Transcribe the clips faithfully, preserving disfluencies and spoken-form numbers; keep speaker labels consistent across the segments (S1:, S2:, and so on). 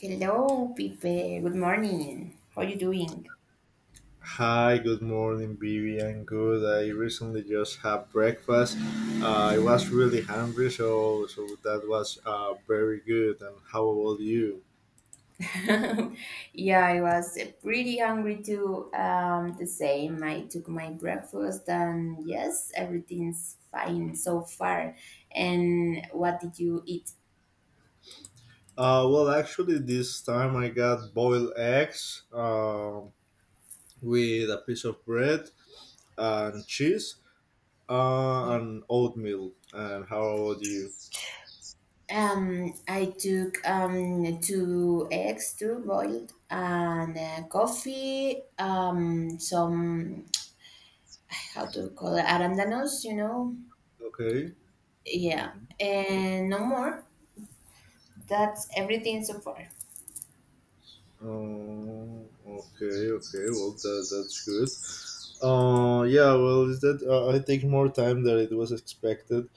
S1: Hello, Pipe. Good morning. How you doing?
S2: Hi, good morning, Vivian. Good. I recently just had breakfast. Uh, I was really hungry, so so that was uh, very good. And how about you?
S1: Yeah, I was uh, pretty hungry too. Um, the same. I took my breakfast, and yes, everything's fine so far. And what did you eat?
S2: Uh, well, actually, this time I got boiled eggs uh, with a piece of bread and cheese uh,
S1: Yeah.
S2: and oatmeal. And how about you?
S1: Um, I took um two eggs, two boiled, and uh, coffee. Um, some how to call it arandanos, you know?
S2: Okay.
S1: Yeah,
S2: Mm-hmm.
S1: and no more. That's everything so far.
S2: Oh, okay, okay. Well, that, that's good. Uh, yeah. Well, is that uh, I take more time than it was expected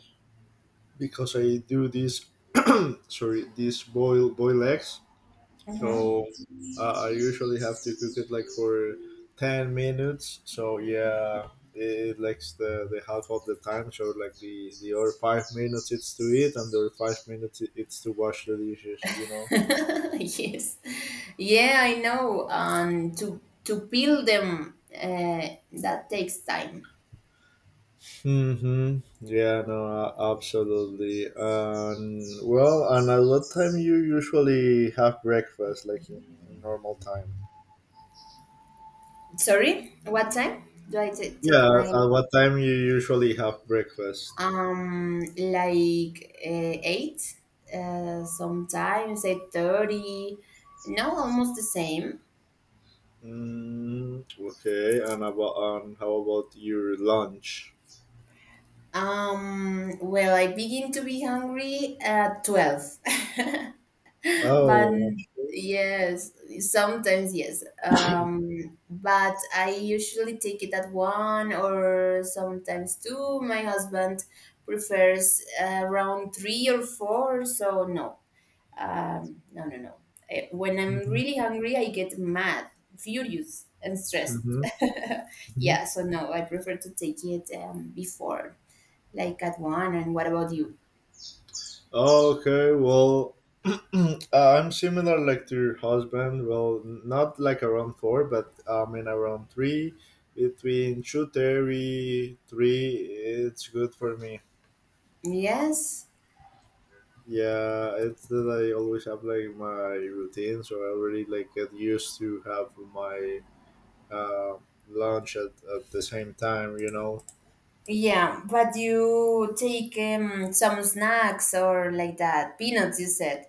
S2: because I do this. Sorry, this boil boil eggs.
S1: Uh-huh.
S2: So uh, I usually have to cook it like for ten minutes. So yeah, it likes the, the half of the time. So like the the other five minutes it's to eat, and the other five minutes it- it's to wash the dishes. You know.
S1: Yes. Yeah, I know. Um, to to peel them, uh, that takes time.
S2: Hmm. Yeah, no, a- absolutely. And well, and at what time you usually have breakfast, like in, in normal time?
S1: Sorry, what time do I ta-
S2: Yeah,
S1: take
S2: at
S1: my
S2: at what time you usually have breakfast?
S1: um like uh, eight? Uh, sometimes eight thirty. No, almost the same.
S2: Mm, okay, and about and how about your lunch?
S1: Um, well, I begin to be hungry at twelve. But
S2: Oh, okay.
S1: yes, sometimes yes. Um, but I usually take it at one or sometimes two. My husband prefers uh, around three or four, so no, um, no, no, no. Eh, When I'm
S2: Hmm.
S1: really hungry, I get mad, furious, and stressed.
S2: Hmm. Hmm.
S1: Yeah, so no, I prefer to take it um, before, like at one. And what about you?
S2: Okay, well, Uh, I'm similar like to your husband. Well, n- not like around four, but I mean around three. Between two thirty three, it's good for me.
S1: Yes.
S2: Yeah, it's that I always have like my routine, so I already like get used to have my uh, lunch at, at the same time. You know,
S1: Yeah, but you take um, some snacks or like that. Peanuts, you said.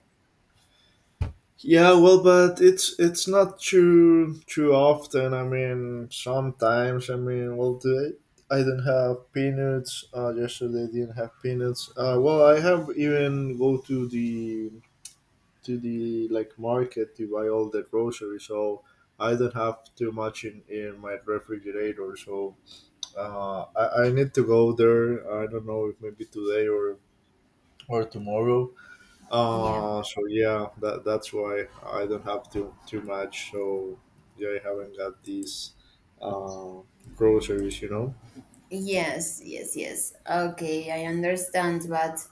S2: Yeah, well, but it's it's not too too often. I mean, sometimes. I mean, well, today I didn't have peanuts. Uh, yesterday I didn't have peanuts. Uh, well, I have even go to the to the like market to buy all the groceries. So I don't have too much in in my refrigerator. So uh, I I need to go there. I don't know if maybe today or or tomorrow.
S1: Yeah.
S2: Uh, so yeah, that that's why I don't have too too much. So yeah, I haven't got these uh, groceries, you know.
S1: Yes, yes, yes. Okay, I understand, but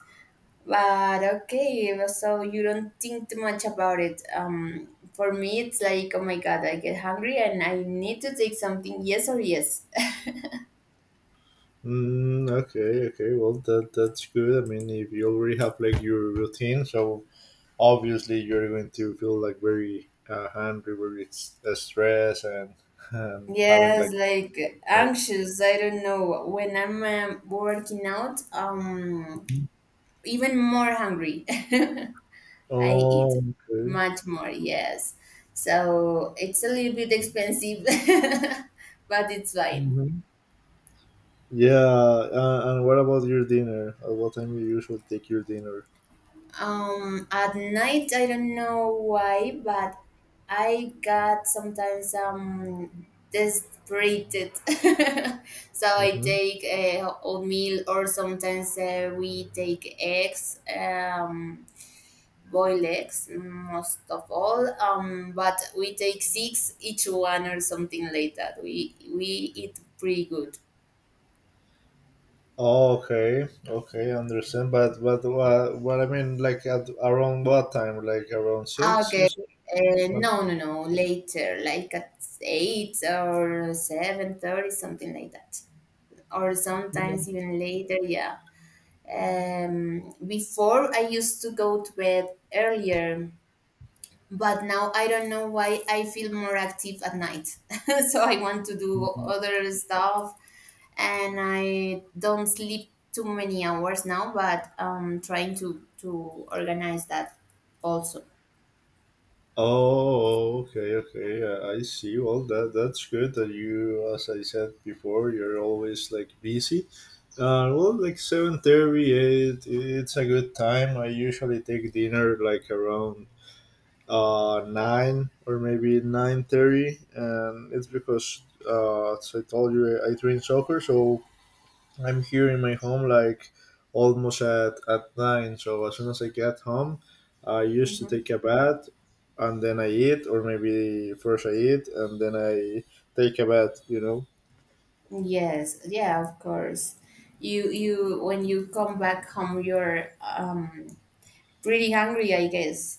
S1: but okay, so you don't think too much about it. Um, for me, it's like, oh my God, I get hungry and I need to take something. Yes or yes.
S2: Mm, okay, okay. Well, that that's good. I mean, if you already have like your routine, so obviously you're going to feel like very uh, hungry, very s- uh, stressed, and, and having like.
S1: Yes, like anxious. I don't know. When I'm um, working out, um, even more hungry. I eat
S2: Oh, okay.
S1: much more, yes. So it's a little bit expensive, but it's fine.
S2: Hmm. Yeah, uh, and what about your dinner? At what time you usually take your dinner?
S1: Um, at night, I don't know why, but I got sometimes um desperate, so I take a oatmeal or sometimes uh, we take eggs. Um, boiled eggs, most of all. Um, but we take six each one or something like that. We we eat pretty good.
S2: Oh, okay, okay, understand. But but what what I mean, like at around what time? Like around six, you
S1: Okay.
S2: said.
S1: Uh,
S2: Like-
S1: no, no, no. Later, like at eight or seven thirty, something like that, or sometimes even later. Yeah. Um, before I used to go to bed earlier, but now I don't know why I feel more active at night. So I want to do other stuff and I don't sleep too many hours now, but um trying to to organize that also.
S2: Oh, okay, okay. I I see. Well, that that's good that you, as I said before, you're always like busy. Uh, well, like seven thirty, eight. It's a good time. I usually take dinner like around uh nine or maybe nine thirty, and it's because uh, as I told you, I, I train soccer, so I'm here in my home like almost at, at nine. So as soon as I get home, I used to
S1: Mhm.
S2: take a bath and then I eat, or maybe first I eat and then I take a bath, you know?
S1: Yes, yeah, of course. You you when you come back home you're um pretty hungry, I guess.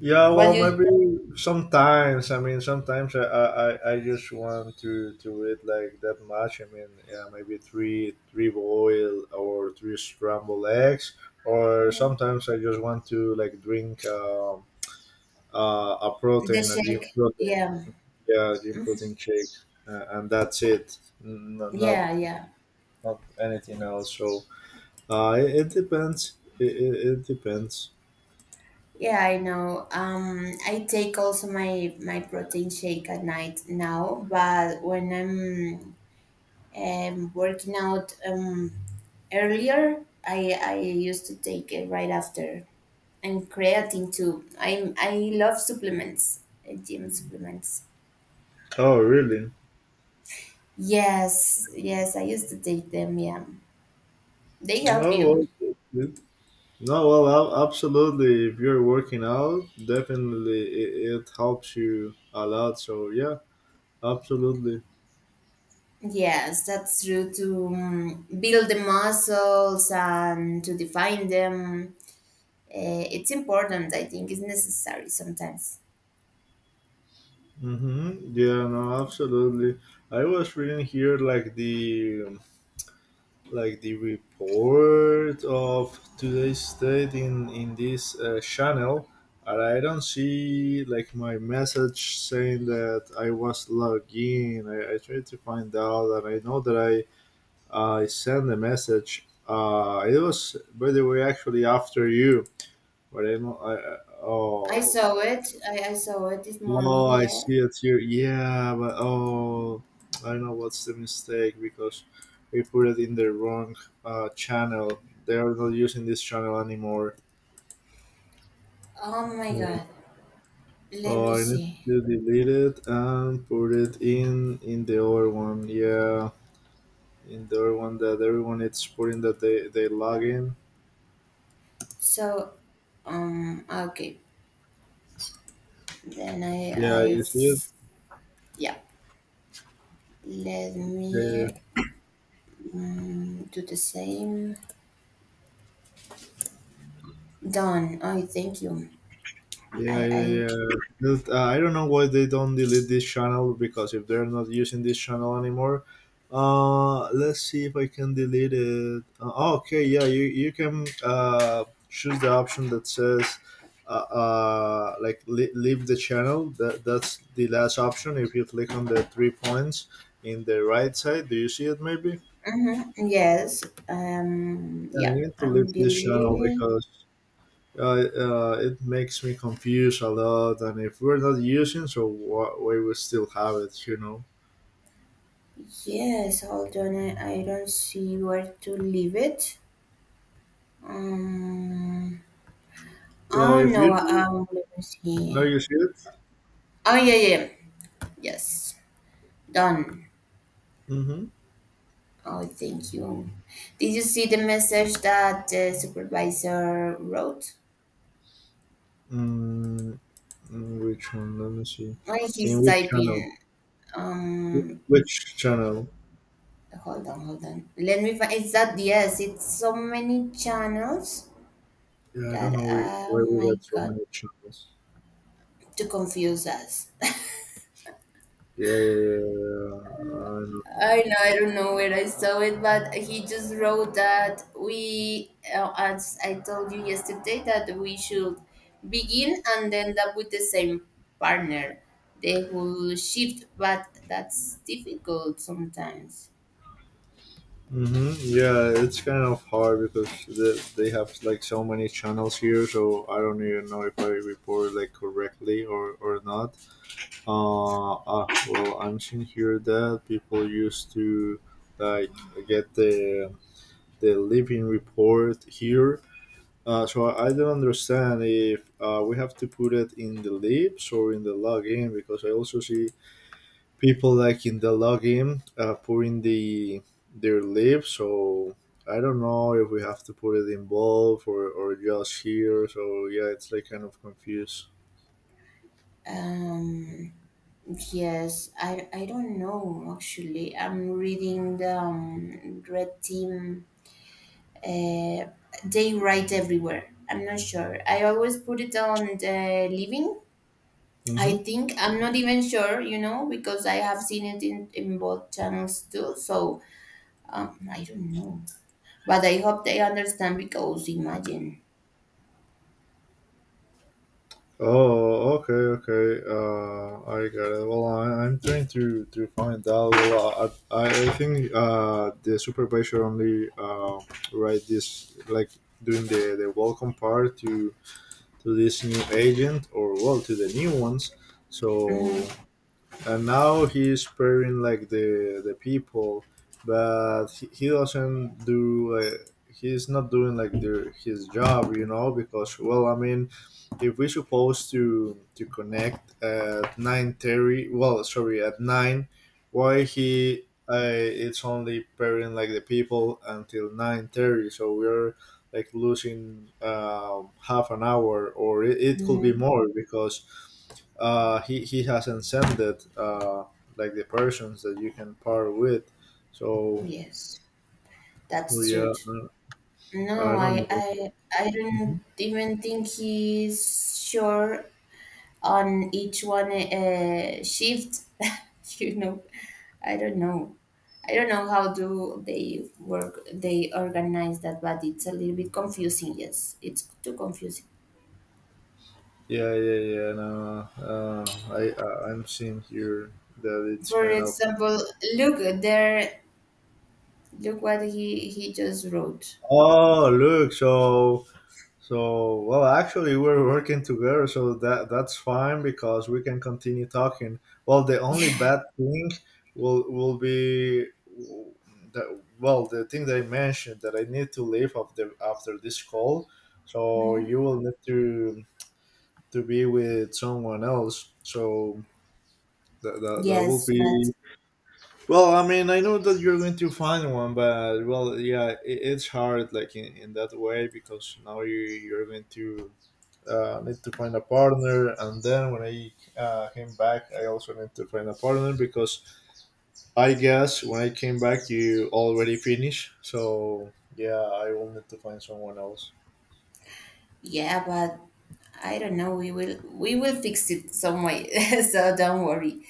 S2: Yeah,
S1: But
S2: well,
S1: you
S2: maybe sometimes. I mean, sometimes I, I, I I just want to to eat like that much. I mean, yeah, maybe three three boil or three scrambled eggs, or sometimes I just want to like drink um, uh, a
S1: the
S2: protein, a gym
S1: shake,
S2: protein.
S1: yeah.
S2: Yeah, gym protein shake, uh, and that's it. N- not
S1: Yeah, yeah.
S2: not anything else, so uh it, it depends. it, it, it depends.
S1: Yeah, I know. Um, I take also my my protein shake at night now, but when I'm um, working out um, earlier, I I used to take it right after. And creatine too. I I love supplements, uh, gym supplements.
S2: Oh really.
S1: Yes, yes, I used to take them. Yeah, they help
S2: Oh
S1: you.
S2: well, it- no, well, ab- absolutely. If you're working out, definitely it, it helps you a lot, so yeah, absolutely.
S1: Yes, that's true to um, build the muscles and to define them. Uh, it's important. I think it's necessary sometimes.
S2: Mm-hmm. Yeah, no, absolutely. I was reading here like the um, like the report of today's state in in this uh, channel, and I don't see like my message saying that I was logged in. i, I tried to find out, and I know that i I sent a message. Uh, it was, by the way, actually after you, but I know i I-
S1: I
S2: Oh.
S1: saw it. I, I saw it this
S2: Oh,
S1: morning.
S2: I
S1: Yeah.
S2: see it here. Yeah, but oh, I know what's the mistake because we put it in the wrong uh, channel. They are not using this channel anymore.
S1: Oh my
S2: Mm.
S1: God. Let me
S2: Oh, I need
S1: see.
S2: to delete it and put it in in the other one. Yeah, in the other one that everyone is putting that they they log in.
S1: So, um. Okay. Then I
S2: Yeah,
S1: I
S2: you see it.
S1: yeah. Let
S2: Yeah, yeah.
S1: me um, do the same. Done. Oh, thank you.
S2: Yeah,
S1: I
S2: yeah,
S1: I.
S2: yeah. Just, uh, I don't know why they don't delete this channel because if they're not using this channel anymore, uh, let's see if I can delete it. Uh, oh, okay, yeah, you you can uh, choose the option that says uh, uh like le- leave the channel. That that's the last option. If you click on the three points in the right side, do you see it? Maybe.
S1: Mm-hmm, yes. Um.
S2: Yeah, I
S1: Yeah.
S2: need to leave
S1: I'm
S2: this channel
S1: deleting.
S2: because Uh, uh, it makes me confused a lot, and if we're not using, so wh- why we will still have it, you know?
S1: Yes. Hold on. I, I don't see where to leave it. Um,
S2: Yeah,
S1: oh
S2: if you
S1: no,
S2: think
S1: um, let me
S2: no,
S1: see.
S2: you see it.
S1: Oh yeah, yeah, yeah. Yes, done.
S2: Mm-hmm.
S1: Oh, thank you. Did you see the message that the supervisor wrote?
S2: Mm, in which one? Let me see.
S1: Why
S2: In
S1: he's
S2: which channel?
S1: typing?
S2: Wh-
S1: Um,
S2: Which channel?
S1: hold on, hold on. Let me find. Is that yes? It's so many channels
S2: Yeah, I
S1: that,
S2: don't know we, why
S1: oh
S2: we
S1: my
S2: got so
S1: God,
S2: many channels.
S1: to confuse us.
S2: Yeah, yeah, yeah. Yeah. I know.
S1: I know, I don't know where I saw it, but he just wrote that we, uh, as I told you yesterday, that we should begin and end up with the same partner. They will shift, but that's difficult sometimes.
S2: Mm-hmm. Yeah, it's kind of hard because they they have like so many channels here, so I don't even know if I report like correctly or or not. Uh, ah, well, I'm seeing here that people used to like get the the living report here. Uh, so I don't understand if uh, we have to put it in the lips or in the login because I also see people like in the login uh, putting the their lips. So I don't know if we have to put it in both or, or just here. So yeah, it's like kind of confused.
S1: Um, yes, I, I don't know actually. I'm reading the um, Red Team. Uh, they write everywhere. I'm not sure. I always put it on the living.
S2: Mm-hmm.
S1: I think I'm not even sure, you know, because I have seen it in, in both channels too. So um, I don't know, but I hope they understand because imagine.
S2: Oh, okay, okay. Uh, I got it. Well, I, I'm trying to to find out. Well, I, I I think uh, the supervisor only uh, write this like doing the, the welcome part to to this new agent or well to the new ones. So
S1: Hmm
S2: and now he's pairing like the the people, but he, he doesn't do like he's not doing like the, his job, you know, because well, I mean, if we're supposed to to connect at nine thirty, well, sorry, at nine, why he? Uh, it's only pairing like the people until nine thirty, so we're like losing um, half an hour, or it, it could be
S1: hmm
S2: more because uh, he, he has ascended uh, like the persons that you can par with. So,
S1: Yes,
S2: so
S1: that's
S2: yeah,
S1: true. No,
S2: uh, I
S1: I,
S2: don't know.
S1: I I don't
S2: Mhm.
S1: even think he's sure on each one uh, shift. You know, I don't know. I don't know how do they work. They organize that, but it's a little bit confusing. Yes, it's too confusing.
S2: Yeah, yeah, yeah. No, uh, I, I I'm seeing here that it's
S1: For
S2: kind of.
S1: example, look there. Look what he he just wrote.
S2: Oh, look! So So, well, actually, we're working together, so that that's fine because we can continue talking. Well, the only bad thing will will be the well, the thing that I mentioned that I need to leave after after this call. So
S1: Mhm.
S2: you will need to to be with someone else. So that that, that will
S1: Yes, but
S2: be well, I mean, I know that you're going to find one, but well, yeah, it, it's hard, like in, in that way, because now you you're going to uh, need to find a partner, and then when I uh, came back, I also need to find a partner because I guess when I came back, you already finished. So yeah, I will need to find someone else.
S1: yeah, but I don't know. We will we will fix it some way. So don't worry.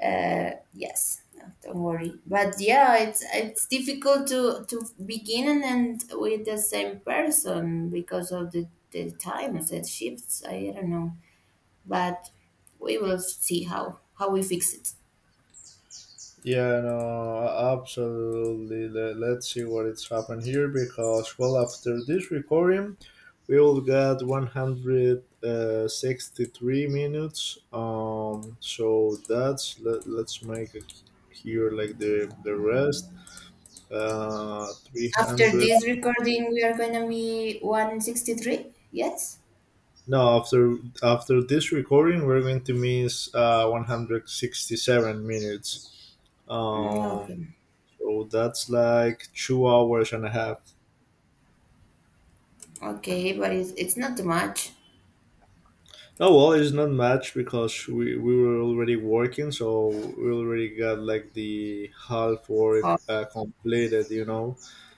S1: Uh, yes, no, don't worry, but yeah, it's it's difficult to to begin and end with the same person because of the the times that shifts, I don't know, but we will see how how we fix it.
S2: Yeah, no, absolutely. Le- Let's see what it's happened here because, well, after this recording, we will get one hundred sixty-three minutes. Um, so that's let, let's make it here like the the rest. Uh,
S1: After
S2: three hundred.
S1: this recording we are gonna be one sixty-three, yes.
S2: No, after after this recording, we're going to miss uh one hundred sixty-seven minutes.
S1: Mm,
S2: Um,
S1: okay.
S2: so that's like two hours and a half.
S1: Okay, but it's, it's not too much.
S2: Oh well, it's not much because we, we were already working, so we already got like the half work
S1: Oh,
S2: uh, completed, you know.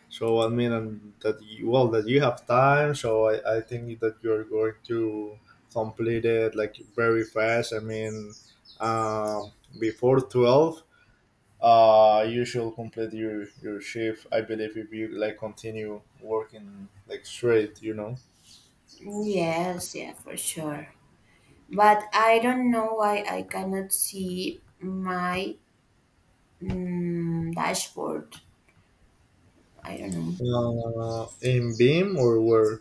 S2: So I mean, and that you, well that you have time, so I, I think that you're going to complete it like very fast. I mean, um, before twelve, uh, you should complete your your shift. I believe if you like continue working like straight, you know,
S1: yes, yeah, for sure, but I don't know why I cannot see my Mm, dashboard. I don't know.
S2: uh, In Beam or where.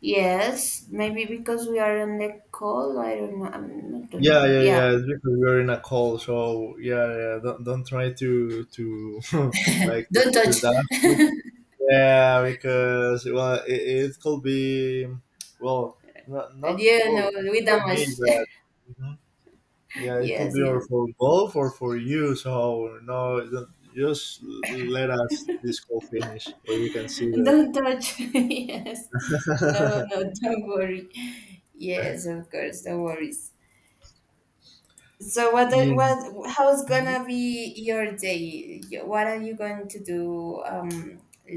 S1: Yes, maybe because we are on the call. I don't know. I'm, I don't
S2: Yeah,
S1: know.
S2: yeah, yeah.
S1: Yeah,
S2: It's because we're in a call, so yeah, yeah. Don't don't try to to like to
S1: don't
S2: figure
S1: touch.
S2: that. Yeah, because well, it, it could be well, not not
S1: Yeah, no,
S2: well
S1: we
S2: for me,
S1: damage.
S2: but mhm. Yeah, it could
S1: Yes,
S2: be or
S1: yes.
S2: for both or for you. So no, don't- just let us this call finish, or you can see that.
S1: Don't touch. Yes. No, no, don't worry. Yes, of course, no worries. So what the-
S2: Yeah.
S1: what how's gonna be your day? Y- What are you going to do um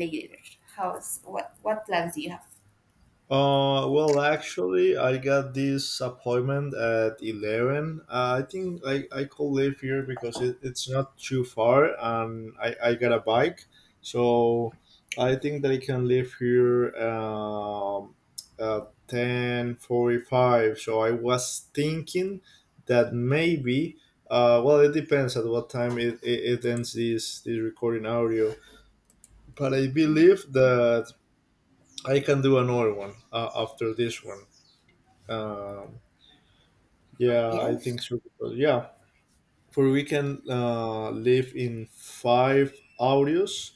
S1: later? How's what what plans do you have?
S2: Uh, well, actually, I got this appointment at eleven. Uh, I think I, I could live here because it, it's not too far, and I, I got a bike. So I think that I can live here um, at ten forty-five. So I was thinking that maybe, uh, well, it depends at what time it, it, it ends this, this recording audio. But I
S1: Mm,
S2: believe that I can do another one uh, after this one. Um, yeah, I
S1: yes.
S2: think so. Yeah, for we can uh, live in five audios,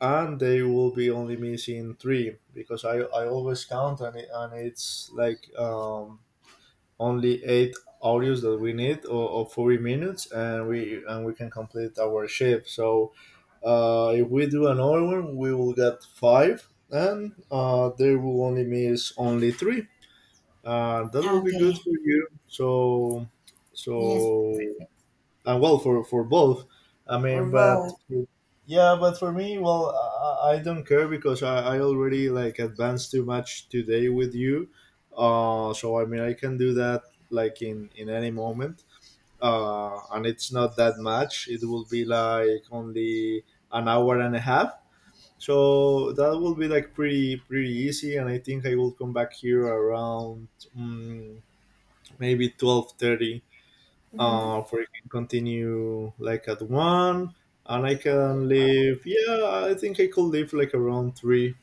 S2: and they will be only missing three because I, I always count, and it, and it's like um, only eight audios that we need, or, or forty minutes, and we and we can complete our shift. So uh, if we do another one, we will get five, and uh, they will only miss only three, uh, that will be good
S1: Okay.
S2: for you. So,
S1: Yes,
S2: so
S1: perfect.
S2: and well for for both. I
S1: Or
S2: mean, but yeah, but for me, well, I, I I don't care because I, I already like advanced too much today with you. Uh, so I mean, I can do that like in in any moment. Uh, and it's not that much. It will be like only an hour and a half. So that will be like pretty pretty easy, and I think I will come back here around mm maybe twelve thirty, uh,
S1: hmm.
S2: for you can continue like at one, and I can leave. Yeah, I think I could leave like around three.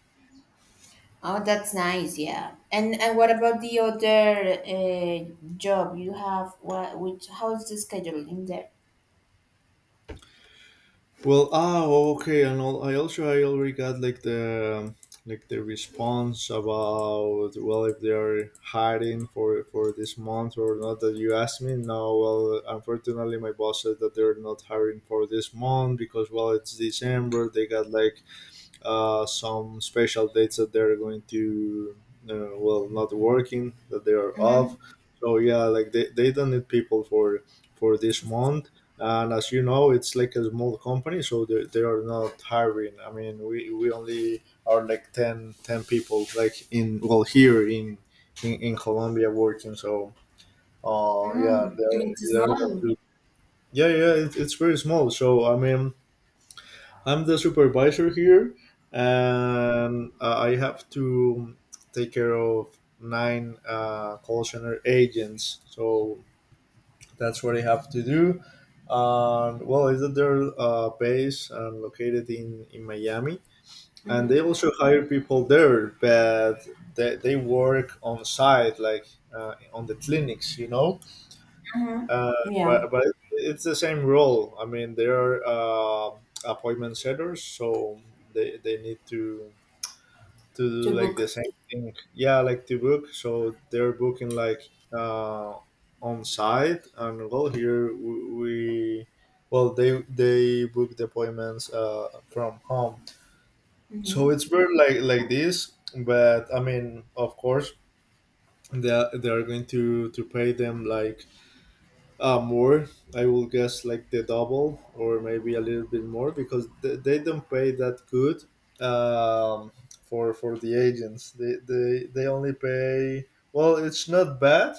S1: Oh, that's nice. Yeah. And and what about the other uh, job you have? What which how's the schedule in there?
S2: Well, ah okay. And al- i also I already got like the like the response about, well, if they are hiring for for this month or not, that you asked me. No, well, unfortunately my boss said that they're not hiring for this month because, well, it's December. They got like uh, some special dates that they're going to, uh, well, not working, that they are
S1: Mm-hmm.
S2: off. So yeah, like they, they don't need people for for this month. And as you know, it's like a small company, so they, they are not hiring. I mean, we, we only are like ten ten people like in, well, here in in, in Colombia working. So uh yeah,
S1: Mm, it's
S2: they're, they're not
S1: small.
S2: too- yeah, yeah, it, it's very small. So I mean, I'm the supervisor here, and uh, I have to take care of nine uh, call center agents. So that's what I have to do. And well, is that they're uh, based and located in in Miami, and
S1: Mm-hmm.
S2: they also hire people there, but they, they work on site, like uh, on the clinics, you know. uh,
S1: Mm-hmm. Yeah.
S2: but but it's the same rule. I mean, they are uh, appointment setters, so they they need to to
S1: To
S2: do like the
S1: book.
S2: same thing. Yeah, like to book. So they're booking like uh, on site, and well, here we, we well they they book the appointments uh, from home. So
S1: Mm-hmm.
S2: it's very like like this. But I mean, of course, they are, they are going to to pay them like, Uh, more, I will guess, like the double or maybe a little bit more because they, they don't pay that good, um, for for the agents. They, they they only pay, well, it's not bad,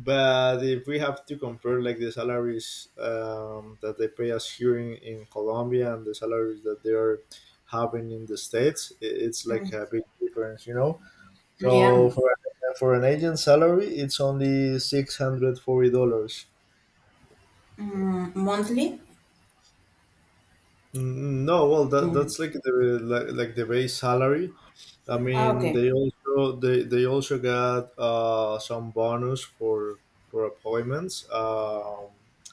S2: but if we have to compare like the salaries um, that they pay us here in in Colombia and the salaries that they are having in the states, I it's like
S1: Mm.
S2: a big difference, you know. So
S1: Yeah.
S2: for for an agent salary, it's only six hundred forty dollars.
S1: Mm, monthly.
S2: Mm, no, well, that
S1: Mm.
S2: that's like the like, like the base salary. I
S1: Ah,
S2: mean,
S1: okay.
S2: they also they, they also got uh, some bonus for for appointments. Um,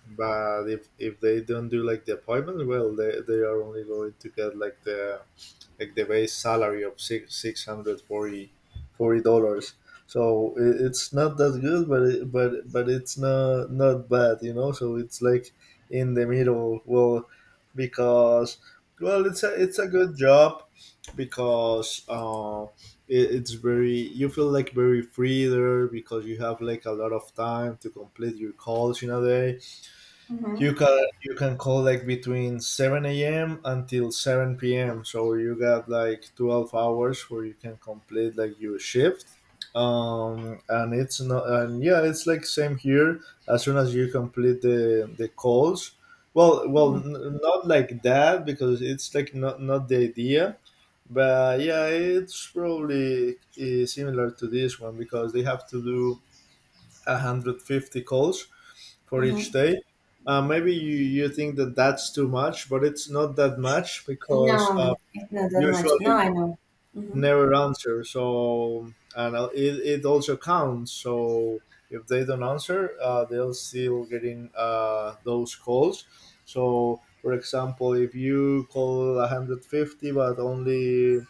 S2: But if if they don't do like the appointments, well, they, they are only going to get like the like the base salary of six six hundred forty forty dollars. So i- it's not that good, but it, but but it's not not bad, you know. So it's like in the middle. Well, because, well, it's a it's a good job because uh, it, it's very, you feel like very free there because you have like a lot of time to complete your calls in a day. You
S1: Mm-hmm.
S2: can you can call like between seven a.m until seven p.m, so you got like twelve hours where you can complete like your shift. Um and it's not, and yeah, it's like same here. As soon as you complete the the calls, well well,
S1: Mm-hmm.
S2: n- not like that because it's like not not the idea, but yeah, it's probably uh, similar to this one because they have to do a hundred fifty calls for each
S1: Mm-hmm.
S2: day. Uh, maybe you, you think that that's too much, but it's not that much because, uh,
S1: No, it's not that much. No,
S2: usually,
S1: I know. Mm-hmm.
S2: never answer. So and uh, it, it also counts. So if they don't answer, uh, they'll still getting uh, those calls. So for example, if you call a hundred fifty, but only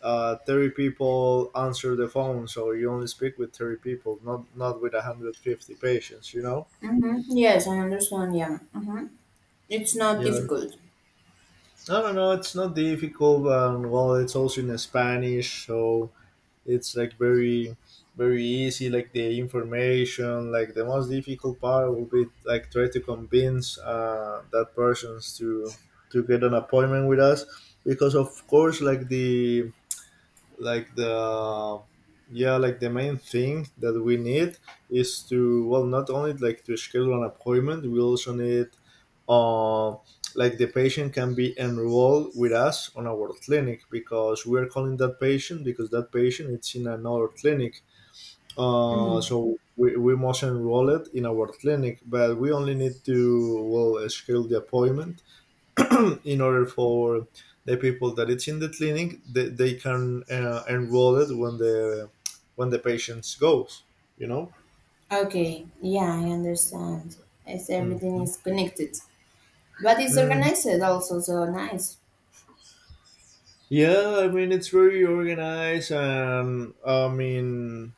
S2: uh, thirty people answer the phone, so you only speak with thirty people, not not with a hundred fifty patients, you know.
S1: Mm-hmm. Yes, I understand. Yeah. Mm-hmm. It's not
S2: Yeah,
S1: difficult.
S2: no no no, it's not difficult. Um, well, it's also in Spanish, so it's like very very easy. Like the information, like the most difficult part will be like try to convince uh, that persons to to get an appointment with us because, of course, like the like the, yeah, like the main thing that we need is to, well, not only like to schedule an appointment, we also need, uh, like the patient can be enrolled with us on our clinic because we're calling that patient because that patient, it's in another clinic. uh,
S1: Mm.
S2: so we, we must enroll it in our clinic, but we only need to, well, schedule the appointment in order for the people that it's in the clinic, they, they can uh, enroll it when the when the patients goes, you know.
S1: Okay, yeah, I understand. It's everything
S2: Mhm.
S1: is connected, but it's
S2: Mm,
S1: organized also, so nice.
S2: yeah, I mean it's very organized, and I mean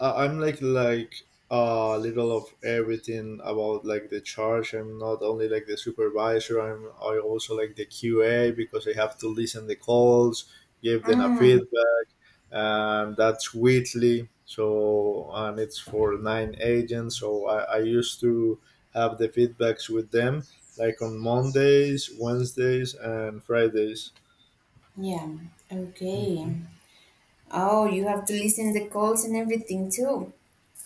S2: I- I'm like like uh, a little of everything about like the charge. I'm not only like the supervisor. I'm I also like the Q A because I have to listen the calls, give them a
S1: Mm,
S2: feedback, and that's weekly. So and it's for nine agents. So I, I used to have the feedbacks with them like on Mondays, Wednesdays, and Fridays.
S1: yeah, okay. Oh, you have to listen the calls and everything too.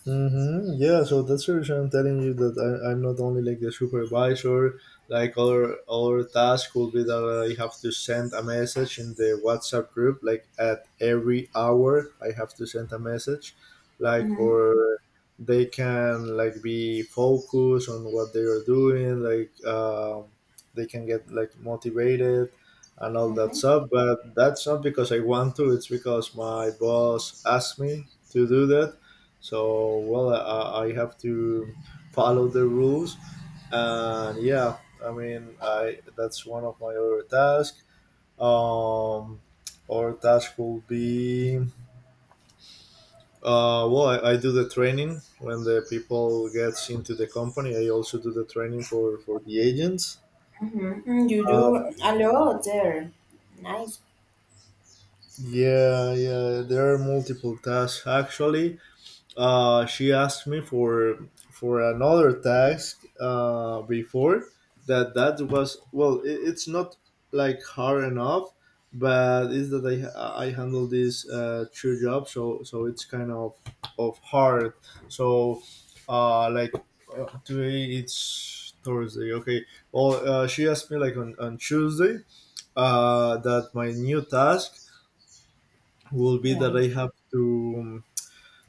S2: Mm-hmm. Yeah, so that's the reason I'm telling you that I, I'm not only like the supervisor, like our our task will be that I have to send a message in the WhatsApp group, like at every hour I have to send a message, like
S1: Mm-hmm,
S2: for they can like be focused on what they are doing, like, um, they can get like motivated and all that
S1: mm-hmm,
S2: stuff. But that's not because I want to; it's because my boss asked me to do that. So, well, uh, I, I have to follow the rules, and yeah, I mean, I that's one of my other tasks. Um, or task will be, uh, well, I, I do the training when the people gets into the company. I also do the training for for the agents.
S1: mm-hmm. Mm, you
S2: Uh,
S1: do a lot there. Nice.
S2: yeah, yeah, there are multiple tasks actually. Uh, she asked me for for another task uh, before, that that was, well, it, it's not like hard enough, but it's that i i handle this uh, two jobs, so so it's kind of of hard. So uh like uh, today it's Thursday, okay. Well, uh, she asked me like on, on Tuesday, uh that my new task will be
S1: Yeah.
S2: that I have to, um,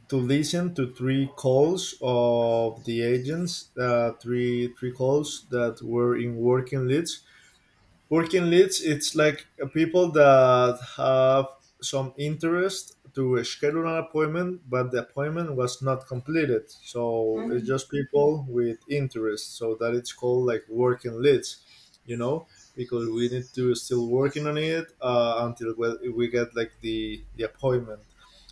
S2: to listen to three calls of the agents, uh, three three calls that were in working leads. Working leads it's like, uh, people that have some interest to schedule an appointment but the appointment was not completed, so it's
S1: Mm.
S2: just people with interest, so that it's called like working leads, you know. Because we need to still working on it, uh, until we we get like the the appointment.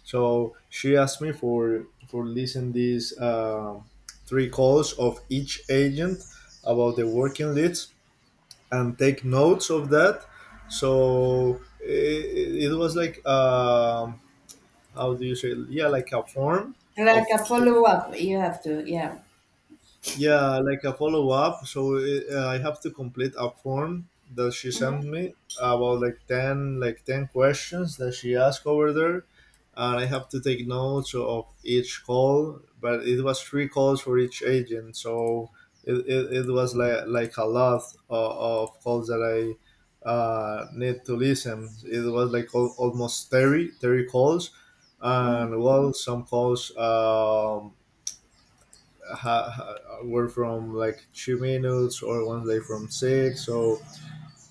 S2: So she asked me for for listing these, um three calls of each agent about the working leads and take notes of that. So it, it was like, um, how do you say? Yeah, like a form
S1: Like
S2: of.
S1: a follow up, you have to. Yeah.
S2: Yeah, like a follow up. So uh, I have to complete a form that she sent me about like ten like ten questions that she asked over there, and I have to take notes of each call. But it was three calls for each agent, so it, it, it was like like a lot of, of calls that I uh, need to listen. It was like al- almost thirty thirty calls,
S1: Mm,
S2: and well, some calls. Um, ha, ha, were from like two minutes or one day from six, so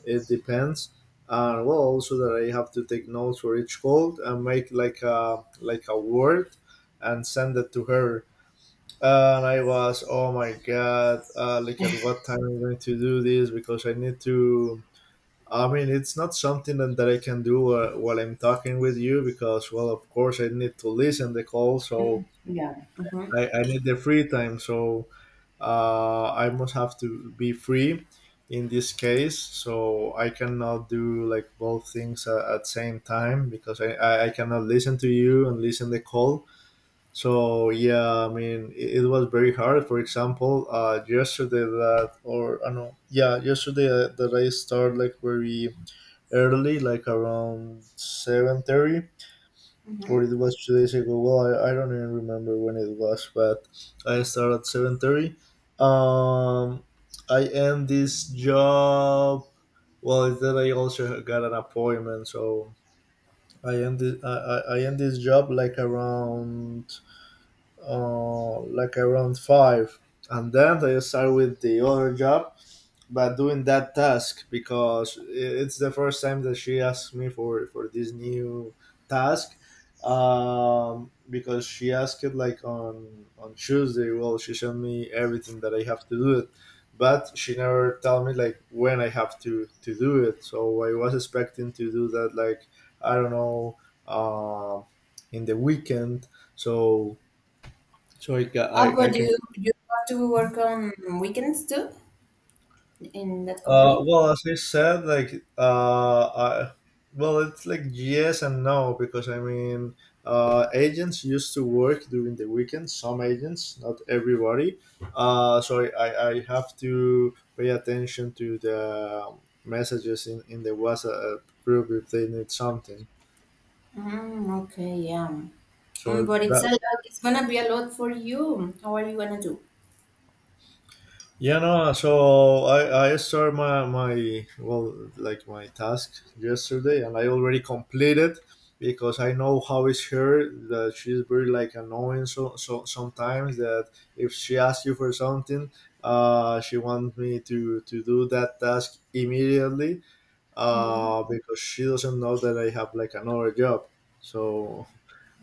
S2: it depends. And well, also that I have to take notes for each call and make like a like a word and send it to her. And I was, oh my god, uh, like at what time I'm going to do this because I need to, I mean, it's not something that, that I can do uh, while I'm talking with you because, well, of course, I need to listen the call.
S1: mm,
S2: So
S1: yeah. Mm-hmm,
S2: I, I need the free time, so uh, I must have to be free in this case. So I cannot do like both things uh, at same time because I, I, I cannot listen to you and listen the call. So yeah, I mean it, it was very hard. For example, uh, yesterday that or I don't know, yeah, yesterday uh, that I start like very early, like around seven thirty,
S1: mm-hmm.
S2: or it was two days ago. Well, I, I don't even remember when it was, but I start at seven thirty. Um, I end this job. Well, then I also got an appointment, so I end this, I, I I end this job like around uh like around five, and then I start with the other job but doing that task because it's the first time that she asked me for for this new task, um because she asked it like on on Tuesday. Well, she showed me everything that I have to do it, but she never told me like when I have to to do it, so I was expecting to do that like, I don't know, um in the weekend. So so i, ca- I,
S1: Oh,
S2: I
S1: but
S2: can.
S1: you you have to work on weekends too in that
S2: Uh,
S1: company.
S2: well, as I said, like, uh, I, well, it's like yes and no, because I mean, uh, agents used to work during the weekend. Some agents, not everybody. Uh, so I, I, I have to pay attention to the messages in in the WhatsApp group if they need something.
S1: Mm, okay, yeah. Mm,
S2: So
S1: but it's a
S2: that.
S1: lot. It's gonna be a lot for you. How are you gonna do?
S2: Yeah, no. So I I started my my well like my task yesterday, and I already completed because I know how it's her, that she's very like annoying. So so sometimes that if she asks you for something, uh, she wants me to to do that task immediately,
S1: Mm,
S2: uh, because she doesn't know that I have like another job. So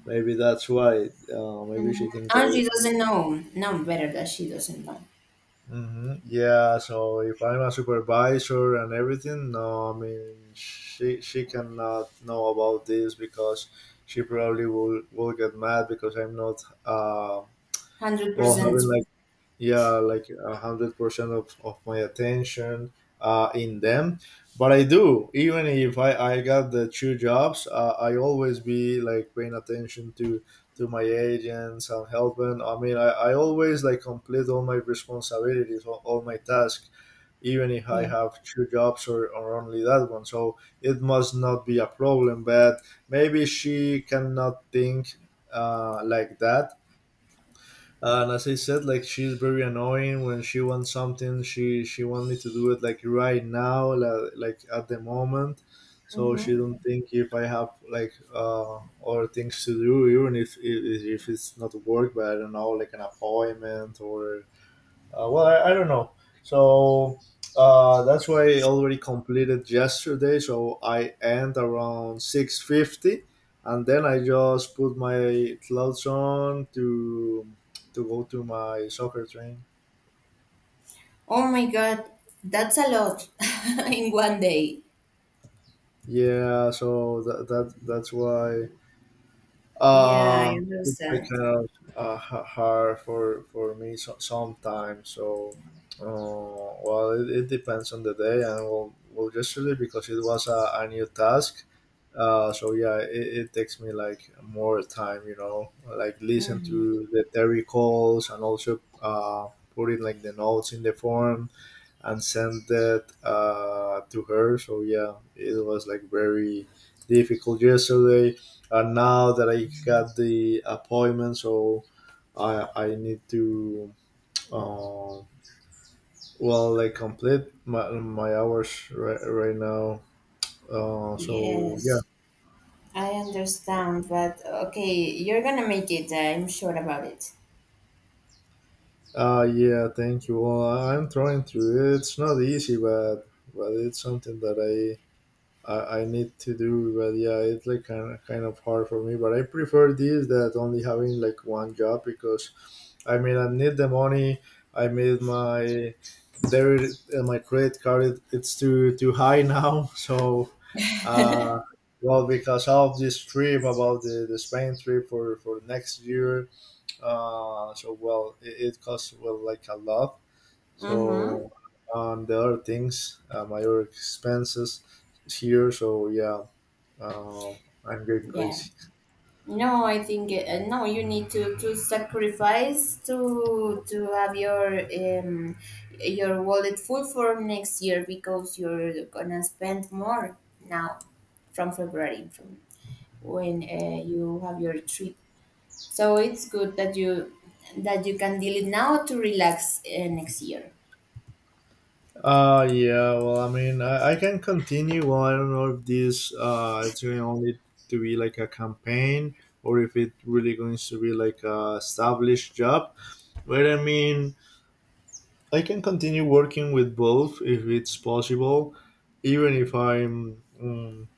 S2: maybe that's why. Uh, maybe
S1: mm.
S2: she thinks
S1: And she
S2: that.
S1: doesn't know. No, better that she doesn't know.
S2: hmm Yeah, so if I'm a supervisor and everything, no, I mean she she cannot know about this because she probably will will get mad because I'm not uh
S1: Hundred
S2: well having
S1: percent.
S2: like, yeah, like a hundred percent of, of my attention uh, in them. But I do, even if i, I got the two jobs, uh, I always be like paying attention to to my agents and helping. I mean i, I always like complete all my responsibilities, all, all my tasks, even if I
S1: Yeah.
S2: have two jobs or, or only that one, so it must not be a problem. But maybe she cannot think uh, like that. And as I said, like she's very annoying. When she wants something, she she wants me to do it like right now, like, like at the moment. So she don't
S1: Hmm.
S2: think if I have like uh other things to do, even if if, if it's not work, but I don't know, like an appointment or uh, well, I, I don't know. So uh, that's why I already completed yesterday. So I end around six fifty, and then I just put my clothes on to to go to my soccer training.
S1: Oh my God, that's a lot in one day.
S2: Yeah, so that, that that's why.
S1: Yeah, I
S2: Uh, it's like
S1: understand.
S2: kind of uh, h- hard for for me, so, sometimes. So, uh, well, it, it depends on the day, and well, well, yesterday because it was a, a new task. Uh, so yeah, it, it takes me like more time, you know, like listen to the theory calls and also uh, putting like the notes in the form and sent it uh, to her. So yeah, it was like very difficult yesterday, and now that I got the appointment, so I I need to uh, well like complete my, my hours right, right now. Uh, so yeah,
S1: Yes, I understand. But okay, you're gonna make it. I'm sure about it.
S2: uh, yeah, thank you. Well, I'm trying to. It's not easy, but but it's something that I I, I need to do. But yeah, it's like kind of, kind of hard for me. But I prefer this that only having like one job, because I mean I need the money. I made my debit and my credit card. It, it's too too high now. So, uh, well, because of this trip about the, the Spain trip for for next year. Uh, so well, it, it costs well like a lot,
S1: Mm-hmm.
S2: so um, the other things, uh, my other expenses here. So yeah, uh, I'm getting
S1: Yeah.
S2: crazy.
S1: No, I think uh, no. You need to, to sacrifice to to have your um your wallet full for next year because you're gonna spend more now, from February, from when uh, you have your trip. So it's good that you that you can deal it now to relax uh, next year.
S2: Uh yeah. Well, I mean, I, I can continue. Well, I don't know if this uh it's going only to be like a campaign, or if it really going to be like a established job. But I mean, I can continue working with both if it's possible, even if I'm. um,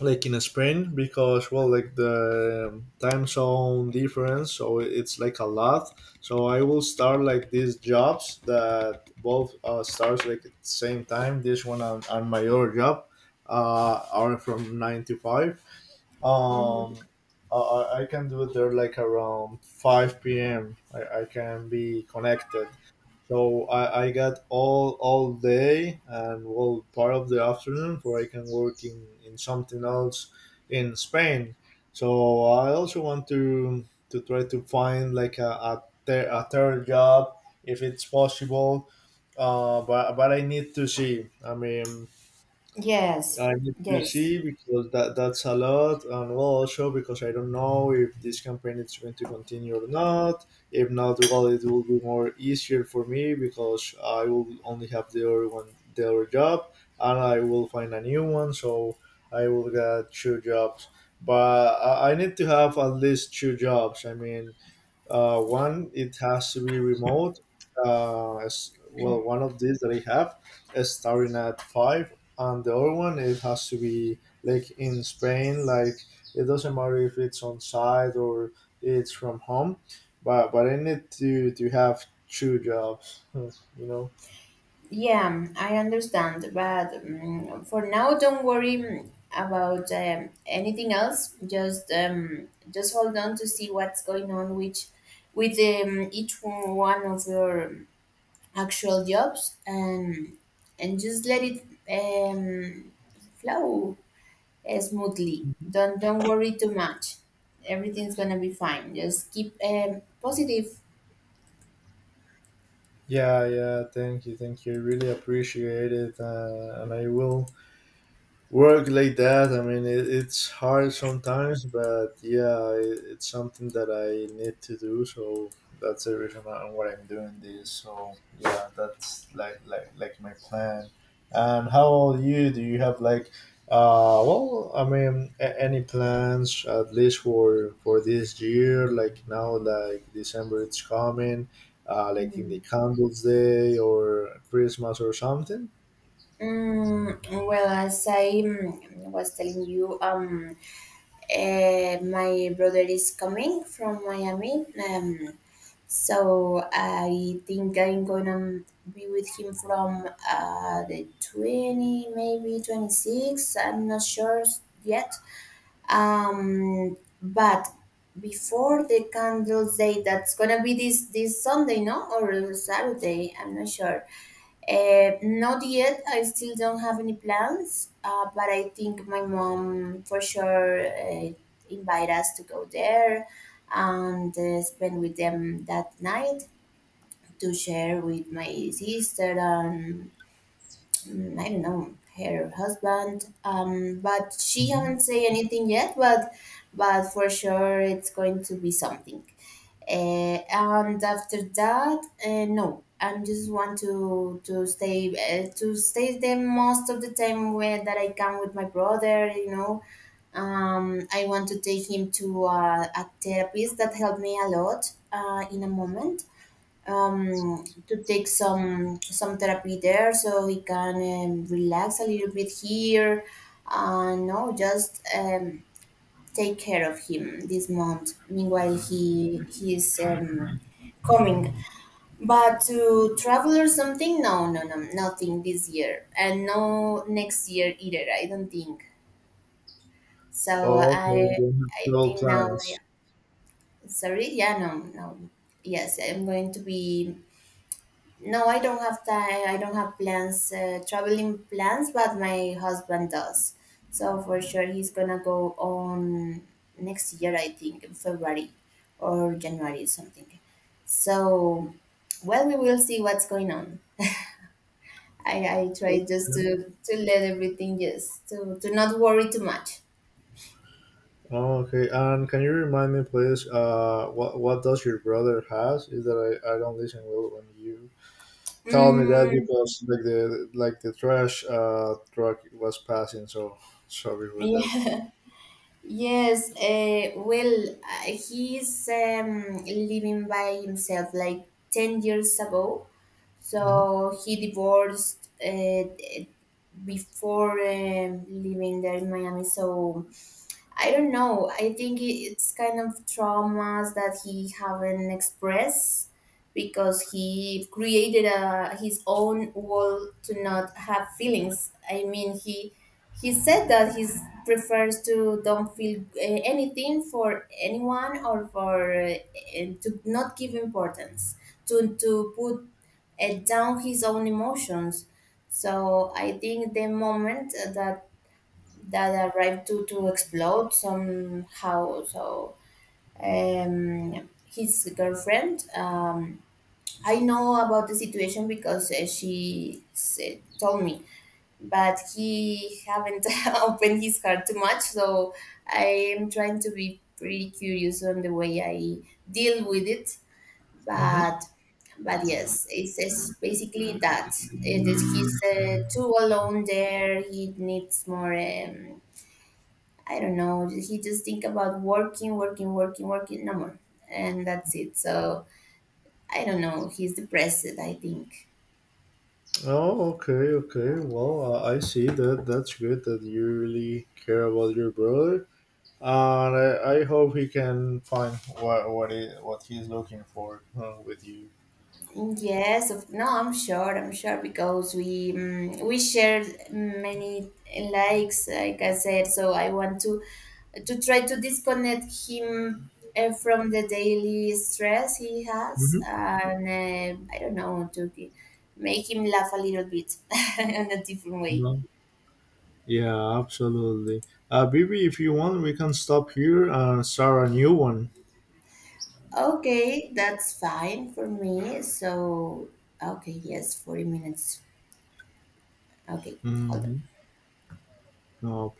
S2: Like in Spain, because well like the um, time zone difference, so it's like a lot. So I will start like these jobs that both uh, starts like at the same time, this one and, and my other job uh, are from nine to five. um,
S1: Mhm.
S2: I, I I can do it there like around five p m. I, I can be connected. So I, I got all all day and well part of the afternoon for I can work in, in something else in Spain. So I also want to to try to find like a, a, ter- a third job if it's possible. Uh, but but I need to see. I mean
S1: Yes,
S2: I need to
S1: yes.
S2: see because that that's a lot, and well, also because I don't know if this campaign is going to continue or not. If not, well, it will be more easier for me because I will only have the other one, the other job, and I will find a new one, so I will get two jobs. But I I need to have at least two jobs. I mean, uh, one, it has to be remote. Uh, as, well, one of these that I have is starting at five, and the other one it has to be like in Spain. Like it doesn't matter if it's on site or it's from home, but but I need to to have two jobs. You know.
S1: Yeah, I understand, but mm for now, don't worry, mm, about um, anything else. Just um, just hold on to see what's going on which, with um, each one of your actual jobs, and and just let it um, flow uh, smoothly.
S2: Mhm.
S1: Don't don't worry too much. Everything's gonna be fine. Just keep um, positive.
S2: Yeah, yeah. Thank you, thank you. I really appreciate it, uh, and I will work like that. I mean it, it's hard sometimes, but yeah it, it's something that I need to do, so that's the reason on what I'm doing this. So yeah, that's like like like my plan. And how old you, do you have like uh well I mean a- any plans, at least for for this year, like now, like December it's coming, uh like in the
S1: Mm.
S2: Candles Day or Christmas or something.
S1: Mm, well, as I mm, was telling you, um, eh, my brother is coming from Miami. Um, so I think I'm gonna be with him from uh, the twenty, maybe twenty-six. I'm not sure yet. Um, but before the Candles Day, that's gonna be this this Sunday, no, or Saturday. I'm not sure. Uh, not yet. I still don't have any plans, uh, but I think my mom for sure uh, invite us to go there and uh, spend with them that night to share with my sister and mm, I don't know her husband. Um, but she haven't say anything yet. But but for sure it's going to be something, uh, and after that uh, no, I just want to to stay uh, to stay there most of the time where that I can with my brother, you know. um, I want to take him to uh, a therapist that helped me a lot uh, in a moment, um, to take some some therapy there so he can um, relax a little bit here. Uh, no, just um, take care of him this month. Meanwhile, he he's um, coming. But to travel or something, no, no, no, nothing this year, and no next year either. I don't think so.
S2: Okay,
S1: I
S2: you have
S1: I
S2: travel
S1: think now.
S2: plans.
S1: Yeah. Sorry, yeah, no, no. Yes, I'm going to be. No, I don't have time. I don't have plans, uh, traveling plans, but my husband does. So for sure, he's gonna go on next year, I think, in February or January, something. So, well, we will see what's going on. I, I
S2: Okay.
S1: try just to, to let everything just to, to not worry too much.
S2: Oh, okay, and can you remind me, please, uh, what what does your brother has? Is that I, I don't listen well when you tell me that,
S1: Mm,
S2: because like the like the trash uh truck was passing, so sorry for that.
S1: yeah. Yes, uh, well, uh, he's um, living by himself like ten years ago.
S2: Hmm
S1: So he divorced uh, before um living there in Miami. So I don't know. I think i- it's kind of traumas that he haven't expressed because he created a, his own wall to not have feelings. I mean, he he said that he prefers to don't feel uh, anything for anyone or for uh, uh, to not give importance to to put uh, down his own emotions. So I think the moment that that arrived to, to explode somehow. So um, his girlfriend, um, I know about the situation because uh, she said, told me, but he haven't opened his heart too much. So I am trying to be pretty curious on the way I deal with it,
S2: hmm
S1: but. But yes, it's, it's basically that. It is he's uh, too alone there. He needs more um, I don't know. He just think about working, working, working, working, no more, and that's it. So I don't know. He's depressed, I think.
S2: Oh, okay, okay. Well, uh, I see that. That's good that you really care about your brother, and I, I hope he can find what what he, what he's looking for uh, with you.
S1: Yes, of, no, I'm sure. I'm sure because we um, we shared many likes, like I said. So I want to to try to disconnect him uh, from the daily stress he has,
S2: Mm-hmm.
S1: and uh, I don't know, to g- make him laugh a little bit in a different way.
S2: No. Yeah, absolutely. Uh, Bibi, if you want, we can stop here and start a new one.
S1: Okay, that's fine for me. So, okay, yes, forty minutes. Okay, hold on.
S2: Hmm. No.